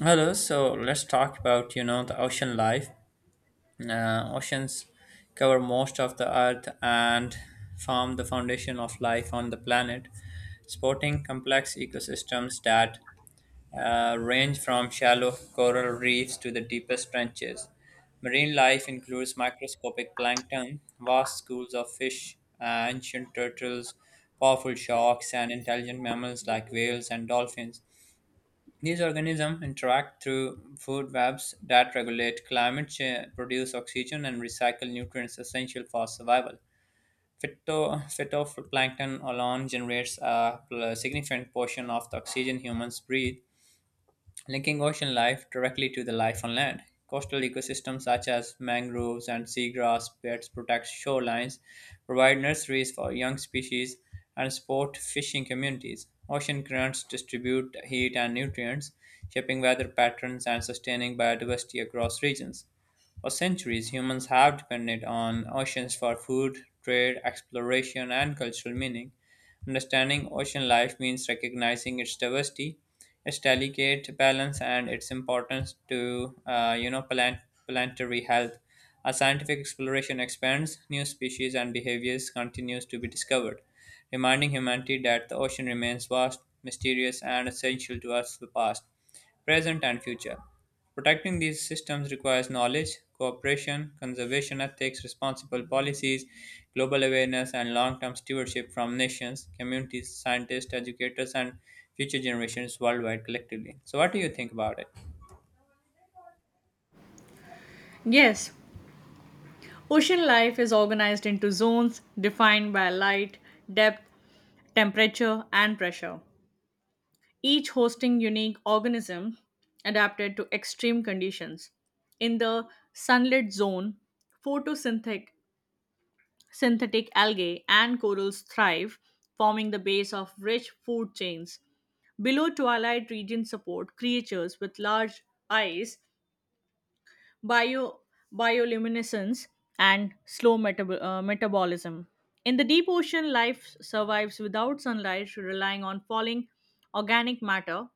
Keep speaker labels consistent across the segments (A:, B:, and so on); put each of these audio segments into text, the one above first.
A: Hello, so let's talk about the ocean life. Oceans cover most of the earth and form the foundation of life on the planet, sporting complex ecosystems that range from shallow coral reefs to the deepest trenches. Marine life includes microscopic plankton, vast schools of fish, ancient turtles, powerful sharks, and intelligent mammals like whales and dolphins. These organisms interact through food webs that regulate climate change, produce oxygen, and recycle nutrients essential for survival. Phytoplankton alone generates a significant portion of the oxygen humans breathe, linking ocean life directly to the life on land. Coastal ecosystems such as mangroves and seagrass beds protect shorelines, provide nurseries for young species, and support fishing communities. Ocean currents distribute heat and nutrients, shaping weather patterns and sustaining biodiversity across regions. For centuries, humans have depended on oceans for food, trade, exploration, and cultural meaning. Understanding ocean life means recognizing its diversity, its delicate balance, and its importance to planetary health. As scientific exploration expands, new species and behaviors continues to be discovered, reminding humanity that the ocean remains vast, mysterious, and essential to us the past, present, and future. Protecting these systems requires knowledge, cooperation, conservation ethics, responsible policies, global awareness, and long term stewardship from nations, communities, scientists, educators, and future generations worldwide collectively. So, what do you think about it?
B: Yes, ocean life is organized into zones defined by light, depth, temperature, and pressure, each hosting unique organisms adapted to extreme conditions. In the sunlit zone, photosynthetic synthetic algae and corals thrive, forming the base of rich food chains. Below twilight regions support creatures with large eyes, bio, bioluminescence, and slow metabolism. In the deep ocean, life survives without sunlight, relying on falling organic matter,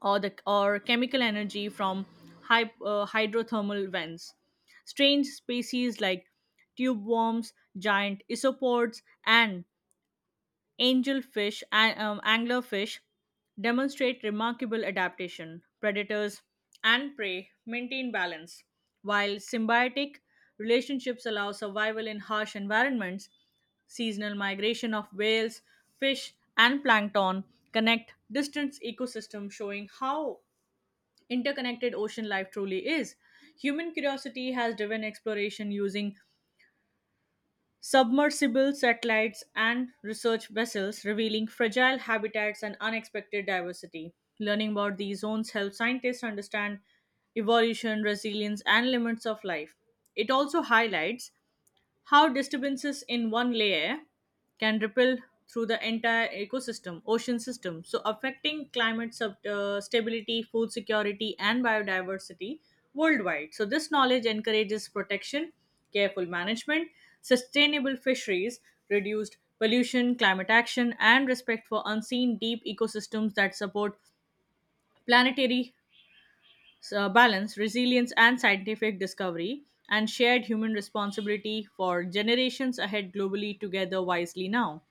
B: or chemical energy from hydrothermal vents. Strange species like tube worms, giant isopods, and angelfish and anglerfish demonstrate remarkable adaptation. Predators and prey maintain balance, while symbiotic relationships allow survival in harsh environments. Seasonal migration of whales, fish, and plankton connect distant ecosystems, showing how interconnected ocean life truly is. Human curiosity has driven exploration using submersible satellites and research vessels, revealing fragile habitats and unexpected diversity. Learning about these zones helps scientists understand evolution, resilience, and limits of life. It also highlights how disturbances in one layer can ripple through the entire ecosystem, ocean system, so affecting climate stability, food security, and biodiversity worldwide. So, this knowledge encourages protection, careful management, sustainable fisheries, reduced pollution, climate action, and respect for unseen deep ecosystems that support planetary so balance, resilience, and scientific discovery, and shared human responsibility for generations ahead globally together wisely now.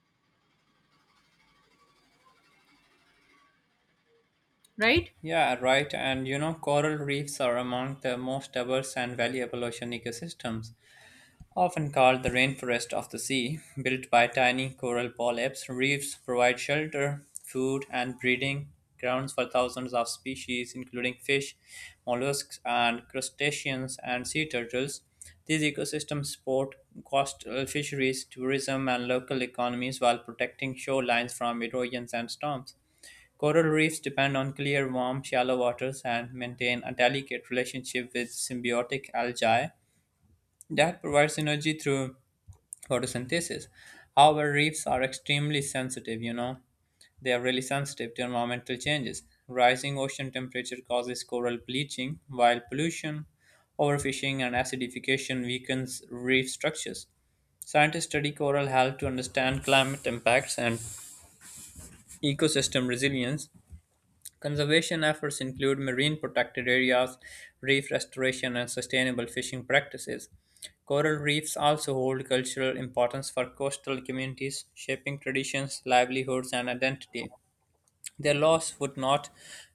B: Right?
A: Yeah, right. And coral reefs are among the most diverse and valuable ocean ecosystems, often called the rainforest of the sea. Built by tiny coral polyps, reefs provide shelter, food, and breeding grounds for thousands of species, including fish, mollusks, and crustaceans and sea turtles. These ecosystems support coastal fisheries, tourism, and local economies while protecting shorelines from erosions and storms. Coral reefs depend on clear, warm, shallow waters and maintain a delicate relationship with symbiotic algae that provides energy through photosynthesis. However, reefs are extremely sensitive, they are really sensitive to environmental changes. Rising ocean temperature causes coral bleaching, while pollution, overfishing, and acidification weakens reef structures. Scientists study coral health to understand climate impacts and ecosystem resilience. Conservation efforts include marine protected areas, reef restoration, and sustainable fishing practices. Coral reefs also hold cultural importance for coastal communities, shaping traditions, livelihoods, and identity. Their loss would not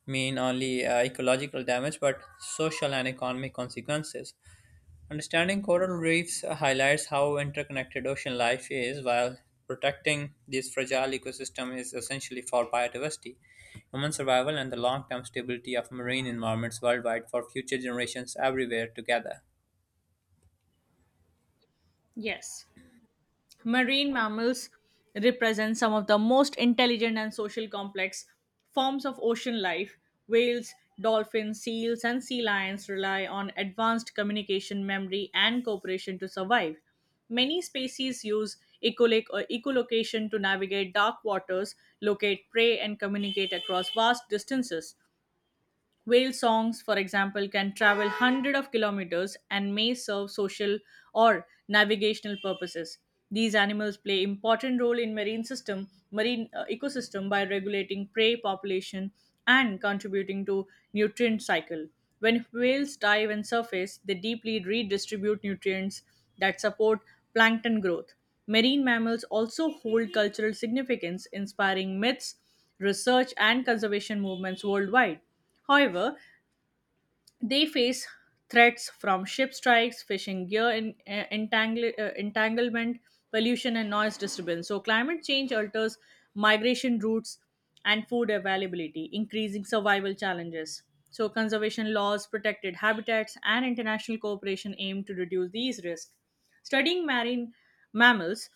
A: mean only ecological damage but social and economic consequences. Understanding coral reefs highlights how interconnected ocean life is while protecting this fragile ecosystem is essentially for biodiversity, human survival and the long-term stability of marine environments worldwide for future generations everywhere together.
B: Yes. Marine mammals represent some of the most intelligent and social complex forms of ocean life. Whales, dolphins, seals, and sea lions rely on advanced communication, memory, and cooperation to survive. Many species use echolocation to navigate dark waters, locate prey, and communicate across vast distances. Whale songs, for example, can travel hundreds of kilometers and may serve social or navigational purposes. These animals play important role in marine ecosystem by regulating prey population and contributing to nutrient cycle. When whales dive and surface, they deeply redistribute nutrients that support plankton growth. Marine mammals also hold cultural significance, inspiring myths, research, and conservation movements worldwide. However, they face threats from ship strikes, fishing gear entanglement, pollution, and noise disturbance. So, climate change alters migration routes and food availability, increasing survival challenges. So, conservation laws, protected habitats, and international cooperation aim to reduce these risks. Studying marine mammals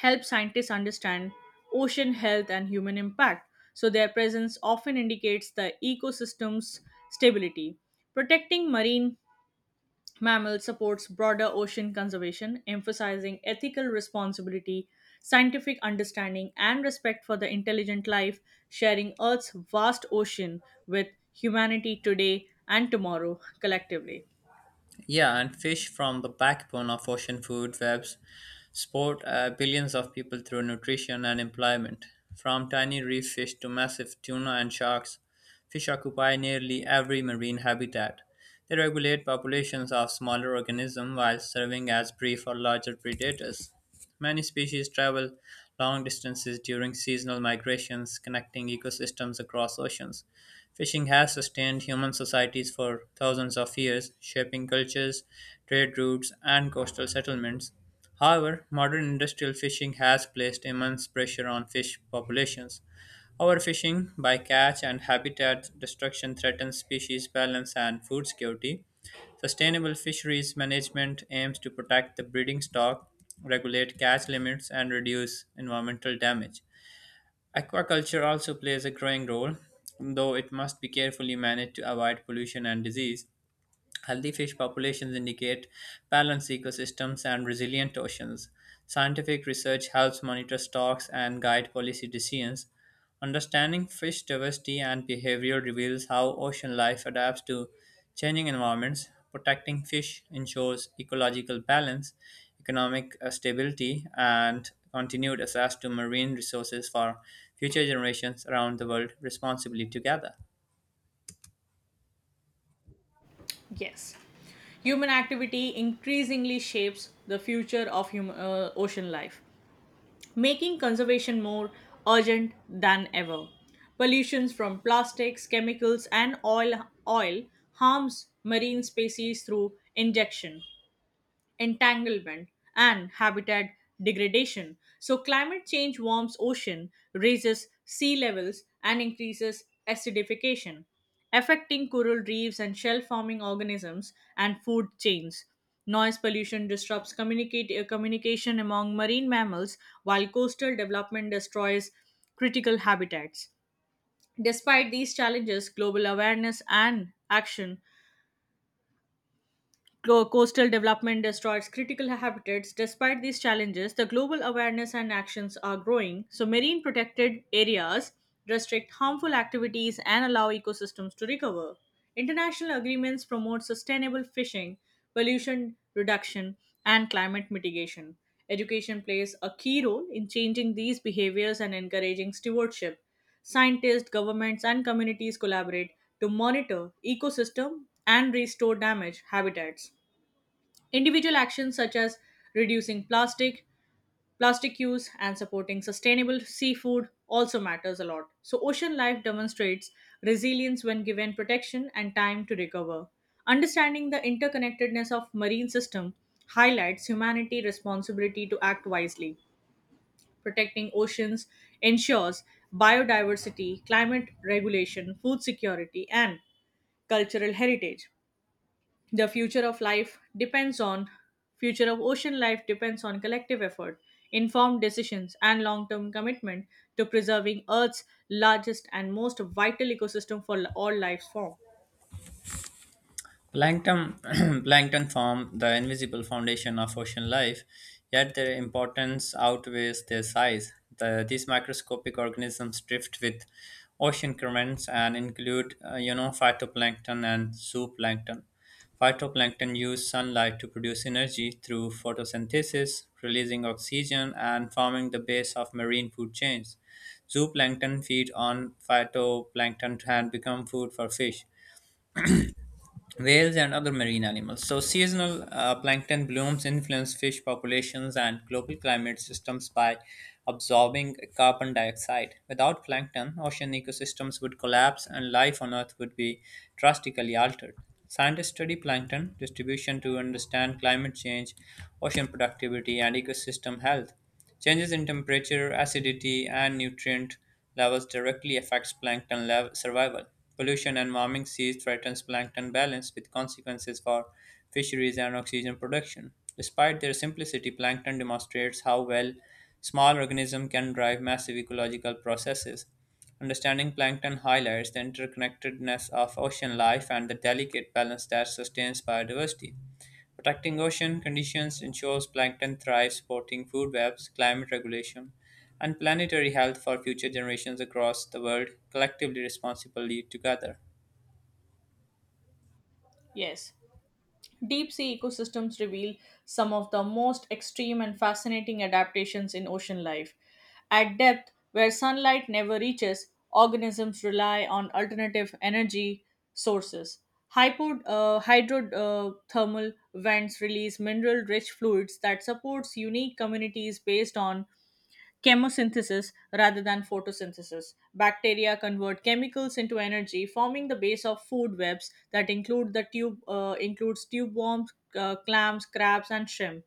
B: help scientists understand ocean health and human impact, so their presence often indicates the ecosystem's stability. Protecting marine mammals supports broader ocean conservation, emphasizing ethical responsibility, scientific understanding, and respect for the intelligent life sharing Earth's vast ocean with humanity today and tomorrow collectively.
A: Yeah, and fish from the backbone of ocean food webs support billions of people through nutrition and employment. From tiny reef fish to massive tuna and sharks, fish occupy nearly every marine habitat. They regulate populations of smaller organisms while serving as prey for larger predators. Many species travel long distances during seasonal migrations, connecting ecosystems across oceans. Fishing has sustained human societies for thousands of years, shaping cultures, trade routes, and coastal settlements. However, modern industrial fishing has placed immense pressure on fish populations. Overfishing, bycatch, and habitat destruction threatens species balance and food security. Sustainable fisheries management aims to protect the breeding stock, regulate catch limits, and reduce environmental damage. Aquaculture also plays a growing role, though it must be carefully managed to avoid pollution and disease. Healthy fish populations indicate balanced ecosystems and resilient oceans. Scientific research helps monitor stocks and guide policy decisions. Understanding fish diversity and behavior reveals how ocean life adapts to changing environments. Protecting fish ensures ecological balance, economic stability, and continued access to marine resources for future generations around the world responsibly together.
B: Yes. Human activity increasingly shapes the future of ocean life, making conservation more urgent than ever. Pollutions from plastics, chemicals, and oil harms marine species through injection, entanglement, and habitat degradation. So, climate change warms ocean, raises sea levels, and increases acidification, affecting coral reefs and shell forming organisms and food chains. Noise pollution disrupts communication among marine mammals, while coastal development destroys critical habitats. Despite these challenges, global awareness and action. Coastal development destroys critical habitats. Despite these challenges, the global awareness and actions are growing. So, marine protected areas restrict harmful activities and allow ecosystems to recover. International agreements promote sustainable fishing, pollution reduction, and climate mitigation. Education plays a key role in changing these behaviors and encouraging stewardship. Scientists, governments, and communities collaborate to monitor ecosystem and restore damaged habitats. Individual actions such as reducing plastic use and supporting sustainable seafood also matters a lot. So ocean life demonstrates resilience when given protection and time to recover. Understanding the interconnectedness of marine system highlights humanity responsibility to act wisely. Protecting oceans ensures biodiversity, climate regulation, food security, and cultural heritage. The future of ocean life depends on collective effort, informed decisions, and long-term commitment to preserving Earth's largest and most vital ecosystem for all life form.
A: Plankton, plankton form the invisible foundation of ocean life, yet their importance outweighs their size. These microscopic organisms drift with ocean currents and include, phytoplankton and zooplankton. Phytoplankton use sunlight to produce energy through photosynthesis, releasing oxygen and forming the base of marine food chains. Zooplankton feed on phytoplankton and become food for fish whales and other marine animals. So, seasonal plankton blooms influence fish populations and global climate systems by absorbing carbon dioxide. Without plankton, ocean ecosystems would collapse and life on Earth would be drastically altered. Scientists study plankton distribution to understand climate change, ocean productivity, and ecosystem health. Changes in temperature, acidity, and nutrient levels directly affects survival. Pollution and warming seas threatens plankton balance with consequences for fisheries and oxygen production. Despite their simplicity, plankton demonstrates how well small organisms can drive massive ecological processes. Understanding plankton highlights the interconnectedness of ocean life and the delicate balance that sustains biodiversity. Protecting ocean conditions ensures plankton thrives, supporting food webs, climate regulation, and planetary health for future generations across the world, collectively responsibly together.
B: Yes. Deep sea ecosystems reveal some of the most extreme and fascinating adaptations in ocean life. At depth, where sunlight never reaches, organisms rely on alternative energy sources. Hydrothermal vents release mineral rich fluids that supports unique communities based on chemosynthesis rather than photosynthesis. Bacteria convert chemicals into energy, forming the base of food webs that includes tube worms, clams, crabs, and shrimp.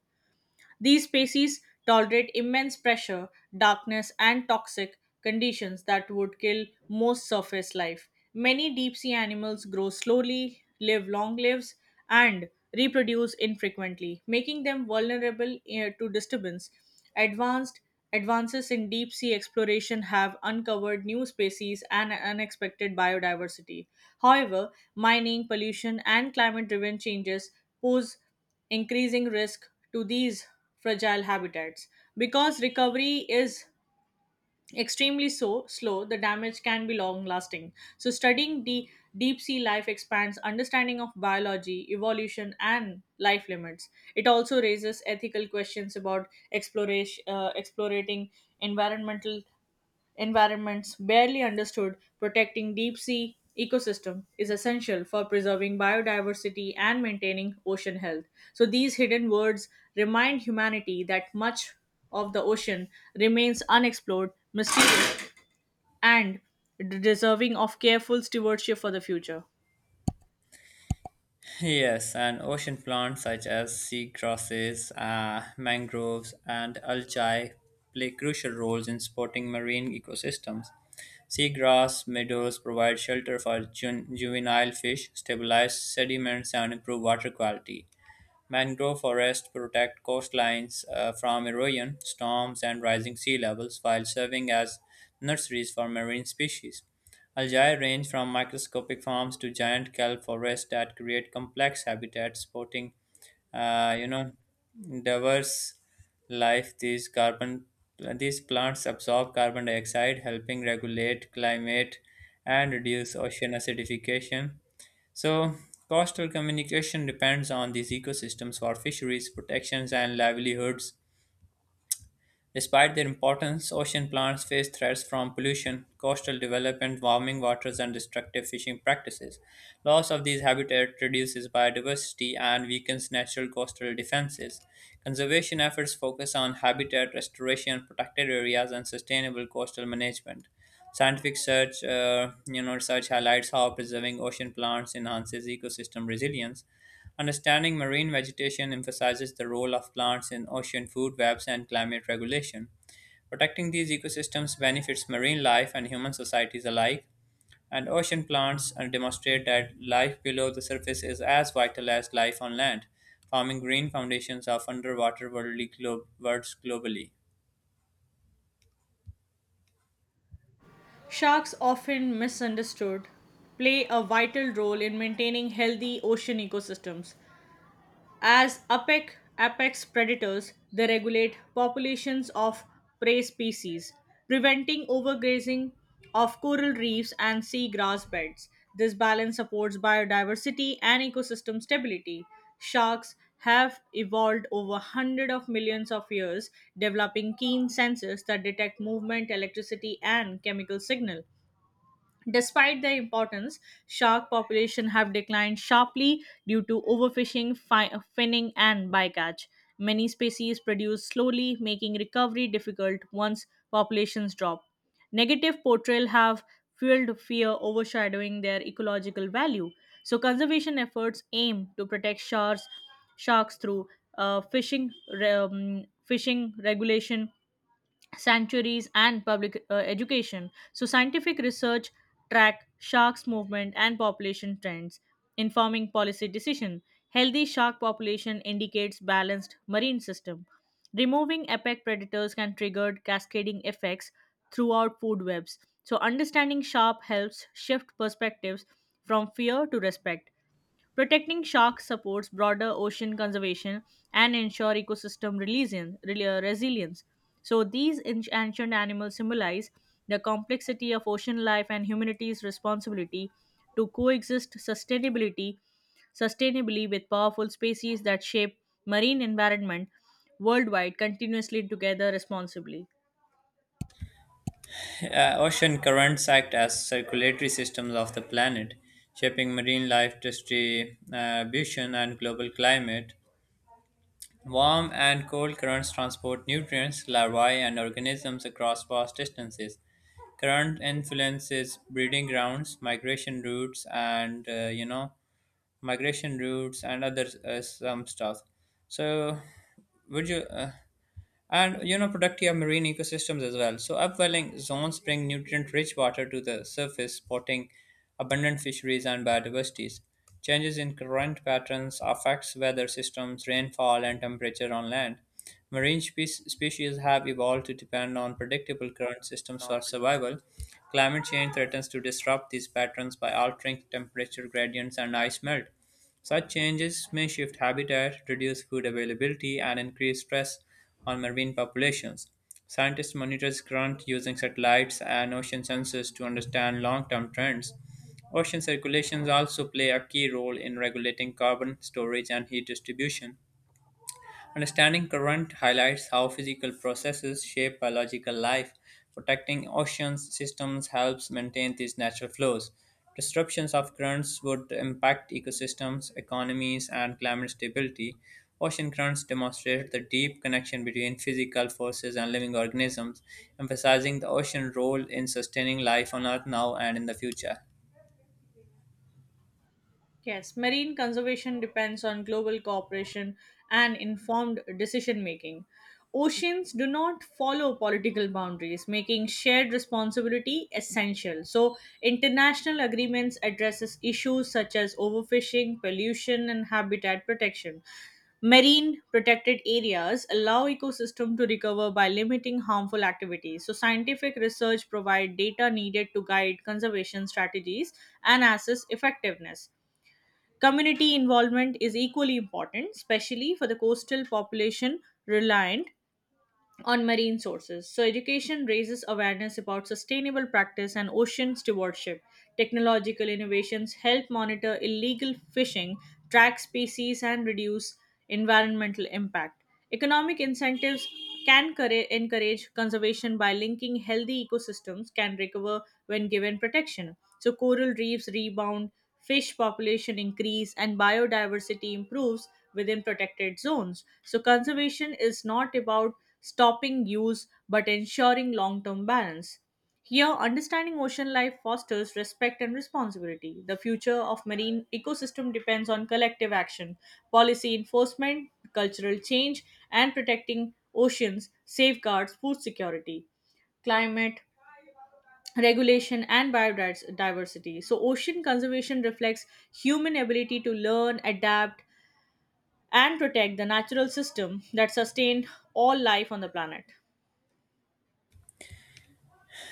B: These species tolerate immense pressure, darkness, and toxic conditions that would kill most surface life. Many deep sea animals grow slowly, live long lives, and reproduce infrequently, making them vulnerable to disturbance. Advanced Advances in deep sea exploration have uncovered new species and unexpected biodiversity. However, mining, pollution, and climate driven changes pose increasing risk to these fragile habitats. Because recovery is extremely so slow, the damage can be long lasting. So studying the deep sea life expands understanding of biology, evolution, and life limits. It also raises ethical questions about exploration, explorating environmental environments barely understood. Protecting deep sea ecosystem is essential for preserving biodiversity and maintaining ocean health. So these hidden words remind humanity that much of the ocean remains unexplored, mysterious, and deserving of careful stewardship for the future.
A: Yes, and ocean plants such as seagrasses, mangroves, and algae play crucial roles in supporting marine ecosystems. Seagrass meadows provide shelter for juvenile fish, stabilize sediments, and improve water quality. Mangrove forests protect coastlines from erosion, storms, and rising sea levels while serving as nurseries for marine species. Algae range from microscopic forms to giant kelp forests that create complex habitats supporting, uh, you know, diverse life. These plants absorb carbon dioxide, helping regulate climate and reduce ocean acidification. So, coastal communication depends on these ecosystems for fisheries, protections, and livelihoods. Despite their importance, ocean plants face threats from pollution, coastal development, warming waters, and destructive fishing practices. Loss of these habitats reduces biodiversity and weakens natural coastal defenses. Conservation efforts focus on habitat restoration, protected areas, and sustainable coastal management. Scientific search, you know, research highlights how preserving ocean plants enhances ecosystem resilience. Understanding marine vegetation emphasizes the role of plants in ocean food webs and climate regulation. Protecting these ecosystems benefits marine life and human societies alike, and ocean plants demonstrate that life below the surface is as vital as life on land, forming green foundations of worlds globally.
B: Sharks, often misunderstood, play a vital role in maintaining healthy ocean ecosystems. As apex predators, they regulate populations of prey species, preventing overgrazing of coral reefs and sea grass beds. This balance supports biodiversity and ecosystem stability. Sharks have evolved over hundreds of millions of years, developing keen senses that detect movement, electricity, and chemical signal. Despite their importance, shark population have declined sharply due to overfishing, finning, and bycatch. Many species produce slowly, making recovery difficult once populations drop. Negative portrayal have fueled fear, overshadowing their ecological value. So, conservation efforts aim to protect sharks through fishing regulation, sanctuaries, and public education. So scientific research track sharks movement and population trends, informing policy decision. Healthy shark population indicates balanced marine system. Removing apex predators can trigger cascading effects throughout food webs. So, understanding shark helps shift perspectives from fear to respect. Protecting sharks supports broader ocean conservation and ensure ecosystem resilience. So these ancient animals symbolize the complexity of ocean life and humanity's responsibility to coexist sustainability sustainably with powerful species that shape marine environment worldwide continuously together responsibly.
A: Ocean currents act as circulatory systems of the planet, shaping marine life distribution and global climate. Warm and cold currents transport nutrients, larvae, and organisms across vast distances. Current influences breeding grounds, migration routes and other some stuff. So, would you? And you know productive marine ecosystems as well. So upwelling zones bring nutrient rich water to the surface supporting abundant fisheries and biodiversities. Changes in current patterns affects weather systems rainfall and temperature on land. Marine species have evolved to depend on predictable current systems for survival. Climate change threatens to disrupt these patterns by altering temperature gradients and ice melt. Such changes may shift habitat, reduce food availability, and increase stress on marine populations. Scientists monitor currents using satellites and ocean sensors to understand long term trends. Ocean circulations also play a key role in regulating carbon storage and heat distribution. Understanding current highlights how physical processes shape biological life. Protecting oceans systems helps maintain these natural flows. Disruptions of currents would impact ecosystems, economies, and climate stability. Ocean currents demonstrate the deep connection between physical forces and living organisms, emphasizing the ocean role in sustaining life on Earth now and in the future.
B: Yes, marine conservation depends on global cooperation and informed decision making. Oceans do not follow political boundaries, making shared responsibility essential. So, international agreements addresses issues such as overfishing, pollution, and habitat protection. Marine protected areas allow ecosystem to recover by limiting harmful activities. So scientific research provide data needed to guide conservation strategies and assess effectiveness. Community involvement is equally important, especially for the coastal population reliant on marine sources. So, education raises awareness about sustainable practice and ocean stewardship. Technological innovations help monitor illegal fishing, track species, and reduce environmental impact. Economic incentives can encourage conservation by linking healthy ecosystems can recover when given protection. So, coral reefs rebound, fish population increase, and biodiversity improves within protected zones. So, conservation is not about stopping use but ensuring long term balance. Here, understanding ocean life fosters respect and responsibility. The future of marine ecosystem depends on collective action, policy enforcement, cultural change, and protecting oceans safeguards food security, climate regulation, and biodiversity. So, ocean conservation reflects human ability to learn, adapt, and protect the natural system that sustain all life on the planet.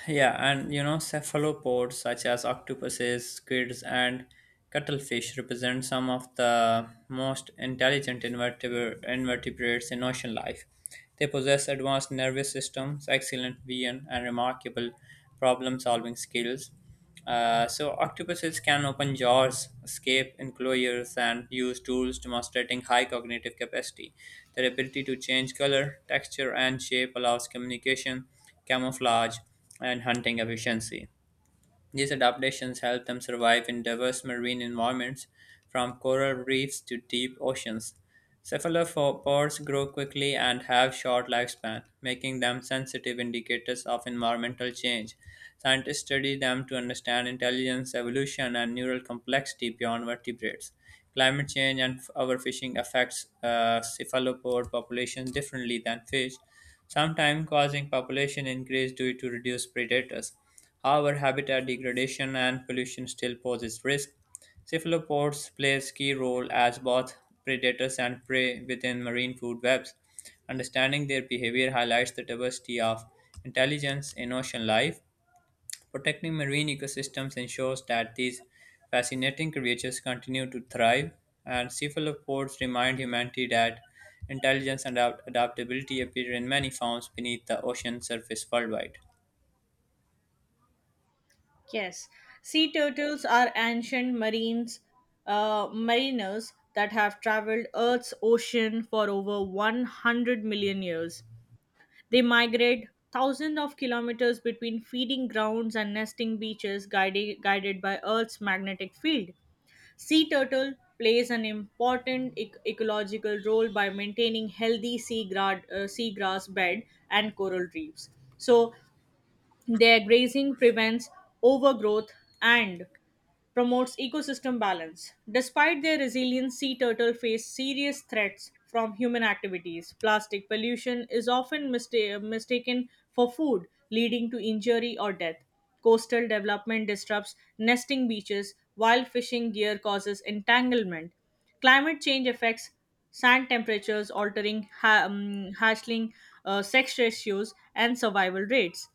A: Cephalopods such as octopuses, squids, and cuttlefish represent some of the most intelligent invertebrates in ocean life. They possess advanced nervous systems, excellent vision, and remarkable problem-solving skills. So octopuses can open jaws, escape enclosures, and use tools demonstrating high cognitive capacity. Their ability to change color, texture, and shape allows communication, camouflage, and hunting efficiency. These adaptations help them survive in diverse marine environments, from coral reefs to deep oceans. Cephalopods grow quickly and have short lifespan, making them sensitive indicators of environmental change. Scientists study them to understand intelligence, evolution, and neural complexity beyond vertebrates. Climate change and our fishing affects cephalopod populations differently than fish, sometimes causing population increase due to reduced predators. However, habitat degradation and pollution still poses risk. Cephalopods play a key role as both predators and prey within marine food webs. Understanding their behavior highlights the diversity of intelligence in ocean life. Protecting marine ecosystems ensures that these fascinating creatures continue to thrive, and cephalopods remind humanity that intelligence and adaptability appear in many forms beneath the ocean surface worldwide.
B: Yes, sea turtles are ancient mariners that have traveled Earth's ocean for over 100 million years. They migrate thousands of kilometers between feeding grounds and nesting beaches, guided by Earth's magnetic field. Sea turtle plays an important ecological role by maintaining healthy seagrass bed and coral reefs. So their grazing prevents overgrowth and promotes ecosystem balance. Despite their resilience, sea turtle face serious threats from human activities. Plastic pollution is often mistaken for food, leading to injury or death. Coastal development disrupts nesting beaches, while fishing gear causes entanglement. Climate change affects sand temperatures, altering hatchling sex ratios and survival rates.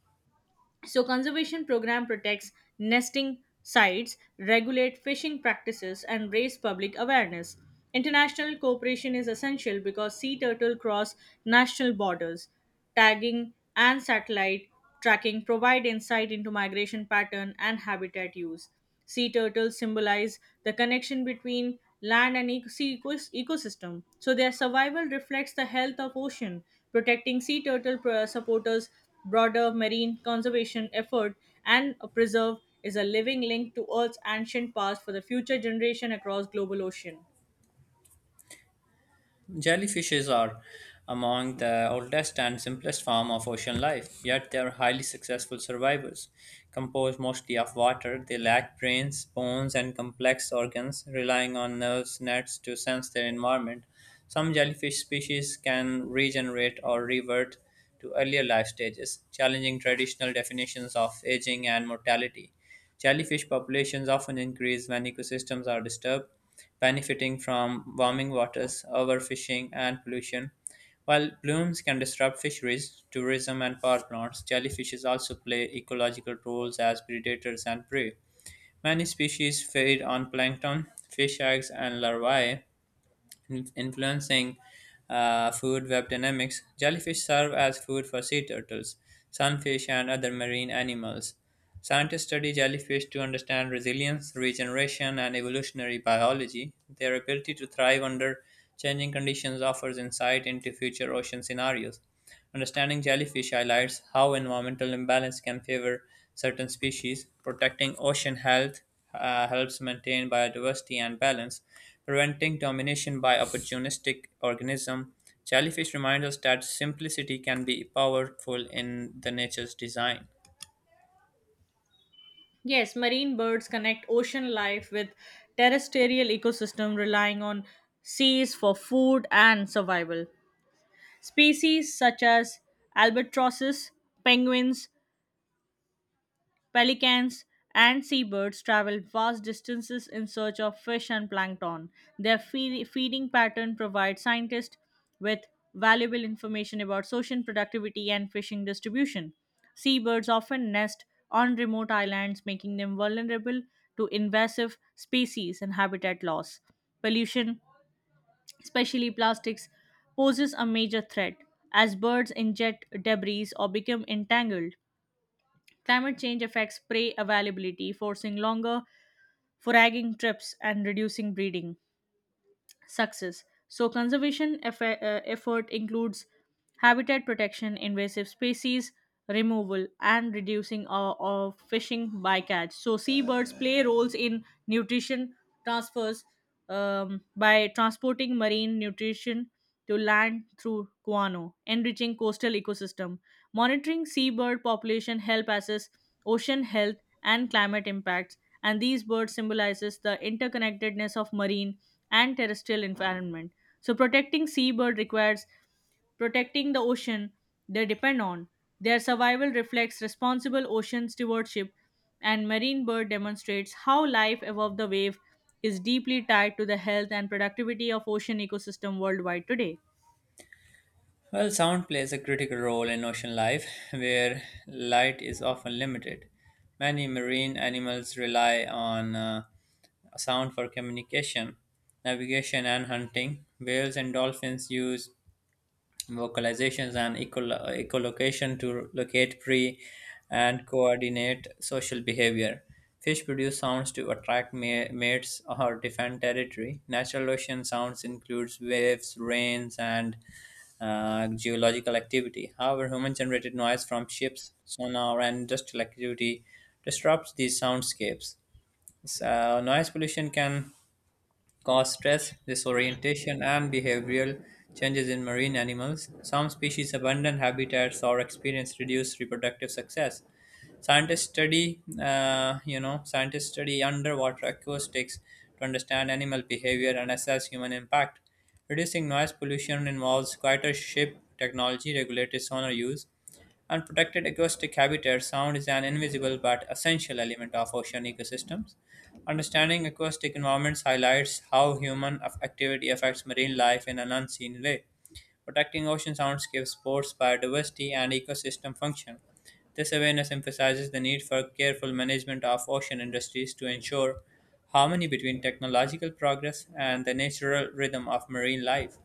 B: So conservation program protects nesting sites, regulate fishing practices, and raise public awareness. International cooperation is essential because sea turtle cross national borders. Tagging and satellite tracking provide insight into migration pattern and habitat use. Sea turtles symbolize the connection between land and sea ecosystem. So their survival reflects the health of ocean. Protecting sea turtle supporters broader marine conservation effort, and a preserve is a living link to Earth's ancient past for the future generation across global ocean.
A: Jellyfishes are among the oldest and simplest form of ocean life, yet they are highly successful survivors. Composed mostly of water, they lack brains, bones, and complex organs, relying on nerves nets to sense their environment. Some jellyfish species can regenerate or revert to earlier life stages, challenging traditional definitions of aging and mortality. Jellyfish populations often increase when ecosystems are disturbed, benefiting from warming waters, overfishing, and pollution. While blooms can disrupt fisheries, tourism, and power plants, jellyfishes also play ecological roles as predators and prey. Many species feed on plankton, fish eggs, and larvae, influencing food web dynamics. Jellyfish serve as food for sea turtles, sunfish, and other marine animals. Scientists study jellyfish to understand resilience, regeneration, and evolutionary biology. Their ability to thrive under changing conditions offers insight into future ocean scenarios. Understanding jellyfish highlights how environmental imbalance can favor certain species. Protecting ocean health helps maintain biodiversity and balance, preventing domination by opportunistic organism. Jellyfish reminds us that simplicity can be powerful in the nature's design.
B: Yes, marine birds connect ocean life with terrestrial ecosystem, relying on seas for food and survival. Species such as albatrosses, penguins, pelicans, and seabirds travel vast distances in search of fish and plankton. Their feeding pattern provides scientists with valuable information about social productivity and fishing distribution. Seabirds often nest on remote islands, making them vulnerable to invasive species and habitat loss. Pollution, especially plastics, poses a major threat as birds ingest debris or become entangled. Climate change affects prey availability, forcing longer foraging trips and reducing breeding success. So, conservation effort includes habitat protection, invasive species removal, and reducing of fishing bycatch. So, seabirds play roles in nutrition transfers, by transporting marine nutrition to land through guano, enriching coastal ecosystem. Monitoring seabird population help assess ocean health and climate impacts, and these birds symbolizes the interconnectedness of marine and terrestrial environment. So protecting seabird requires protecting the ocean they depend on. Their survival reflects responsible ocean stewardship, and marine bird demonstrates how life above the wave is deeply tied to the health and productivity of ocean ecosystem worldwide today.
A: Well, sound plays a critical role in ocean life, where light is often limited. Many marine animals rely on sound for communication, navigation, and hunting. Whales and dolphins use vocalizations, and echolocation to locate prey and coordinate social behavior. Fish produce sounds to attract mates or defend territory. Natural ocean sounds includes waves, rains, and geological activity. However, human-generated noise from ships, sonar, and industrial activity disrupts these soundscapes. So, noise pollution can cause stress, disorientation, and behavioral changes in marine animals. Some species abandon habitats or experience reduced reproductive success. Scientists study underwater acoustics to understand animal behavior and assess human impact. Reducing noise pollution involves quieter ship technology, regulated sonar use, Unprotected acoustic habitats, sound is an invisible but essential element of ocean ecosystems. Understanding acoustic environments highlights how human activity affects marine life in an unseen way. Protecting ocean soundscapes supports biodiversity and ecosystem function. This awareness emphasizes the need for careful management of ocean industries to ensure harmony between technological progress and the natural rhythm of marine life.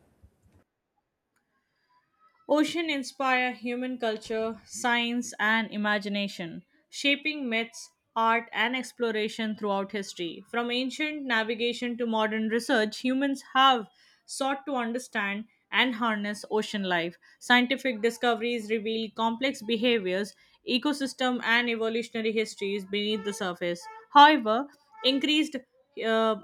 B: Ocean inspire human culture, science, and imagination, shaping myths, art, and exploration throughout history. From ancient navigation to modern research, humans have sought to understand and harness ocean life. Scientific discoveries reveal complex behaviors, ecosystem, and evolutionary histories beneath the surface. However, increased uh,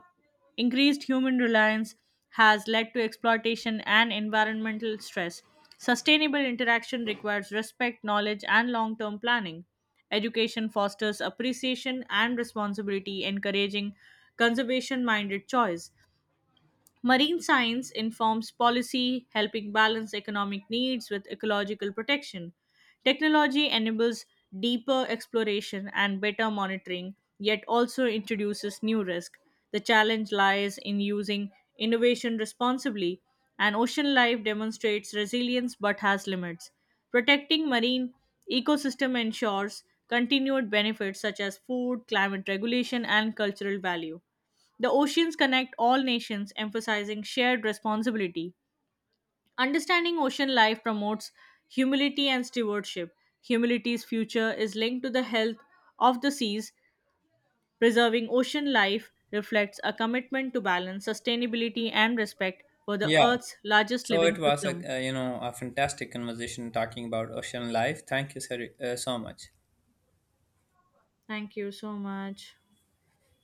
B: increased human reliance has led to exploitation and environmental stress. Sustainable interaction requires respect, knowledge, and long term planning. Education fosters appreciation and responsibility, encouraging conservation minded choice. Marine science informs policy, helping balance economic needs with ecological protection. Technology enables deeper exploration and better monitoring, yet also introduces new risk. The challenge lies in using innovation responsibly, and ocean life demonstrates resilience but has limits. Protecting marine ecosystem ensures continued benefits such as food, climate regulation, and cultural value. The oceans connect all nations, emphasizing shared responsibility. Understanding ocean life promotes humility and stewardship. Humanity's future is linked to the health of the seas. Preserving ocean life reflects a commitment to balance, sustainability, and respect for the
A: Yeah,
B: Earth's largest
A: so
B: living
A: it was
B: system.
A: a a fantastic conversation talking about ocean life. Thank you sir, so much.
B: Thank you so much.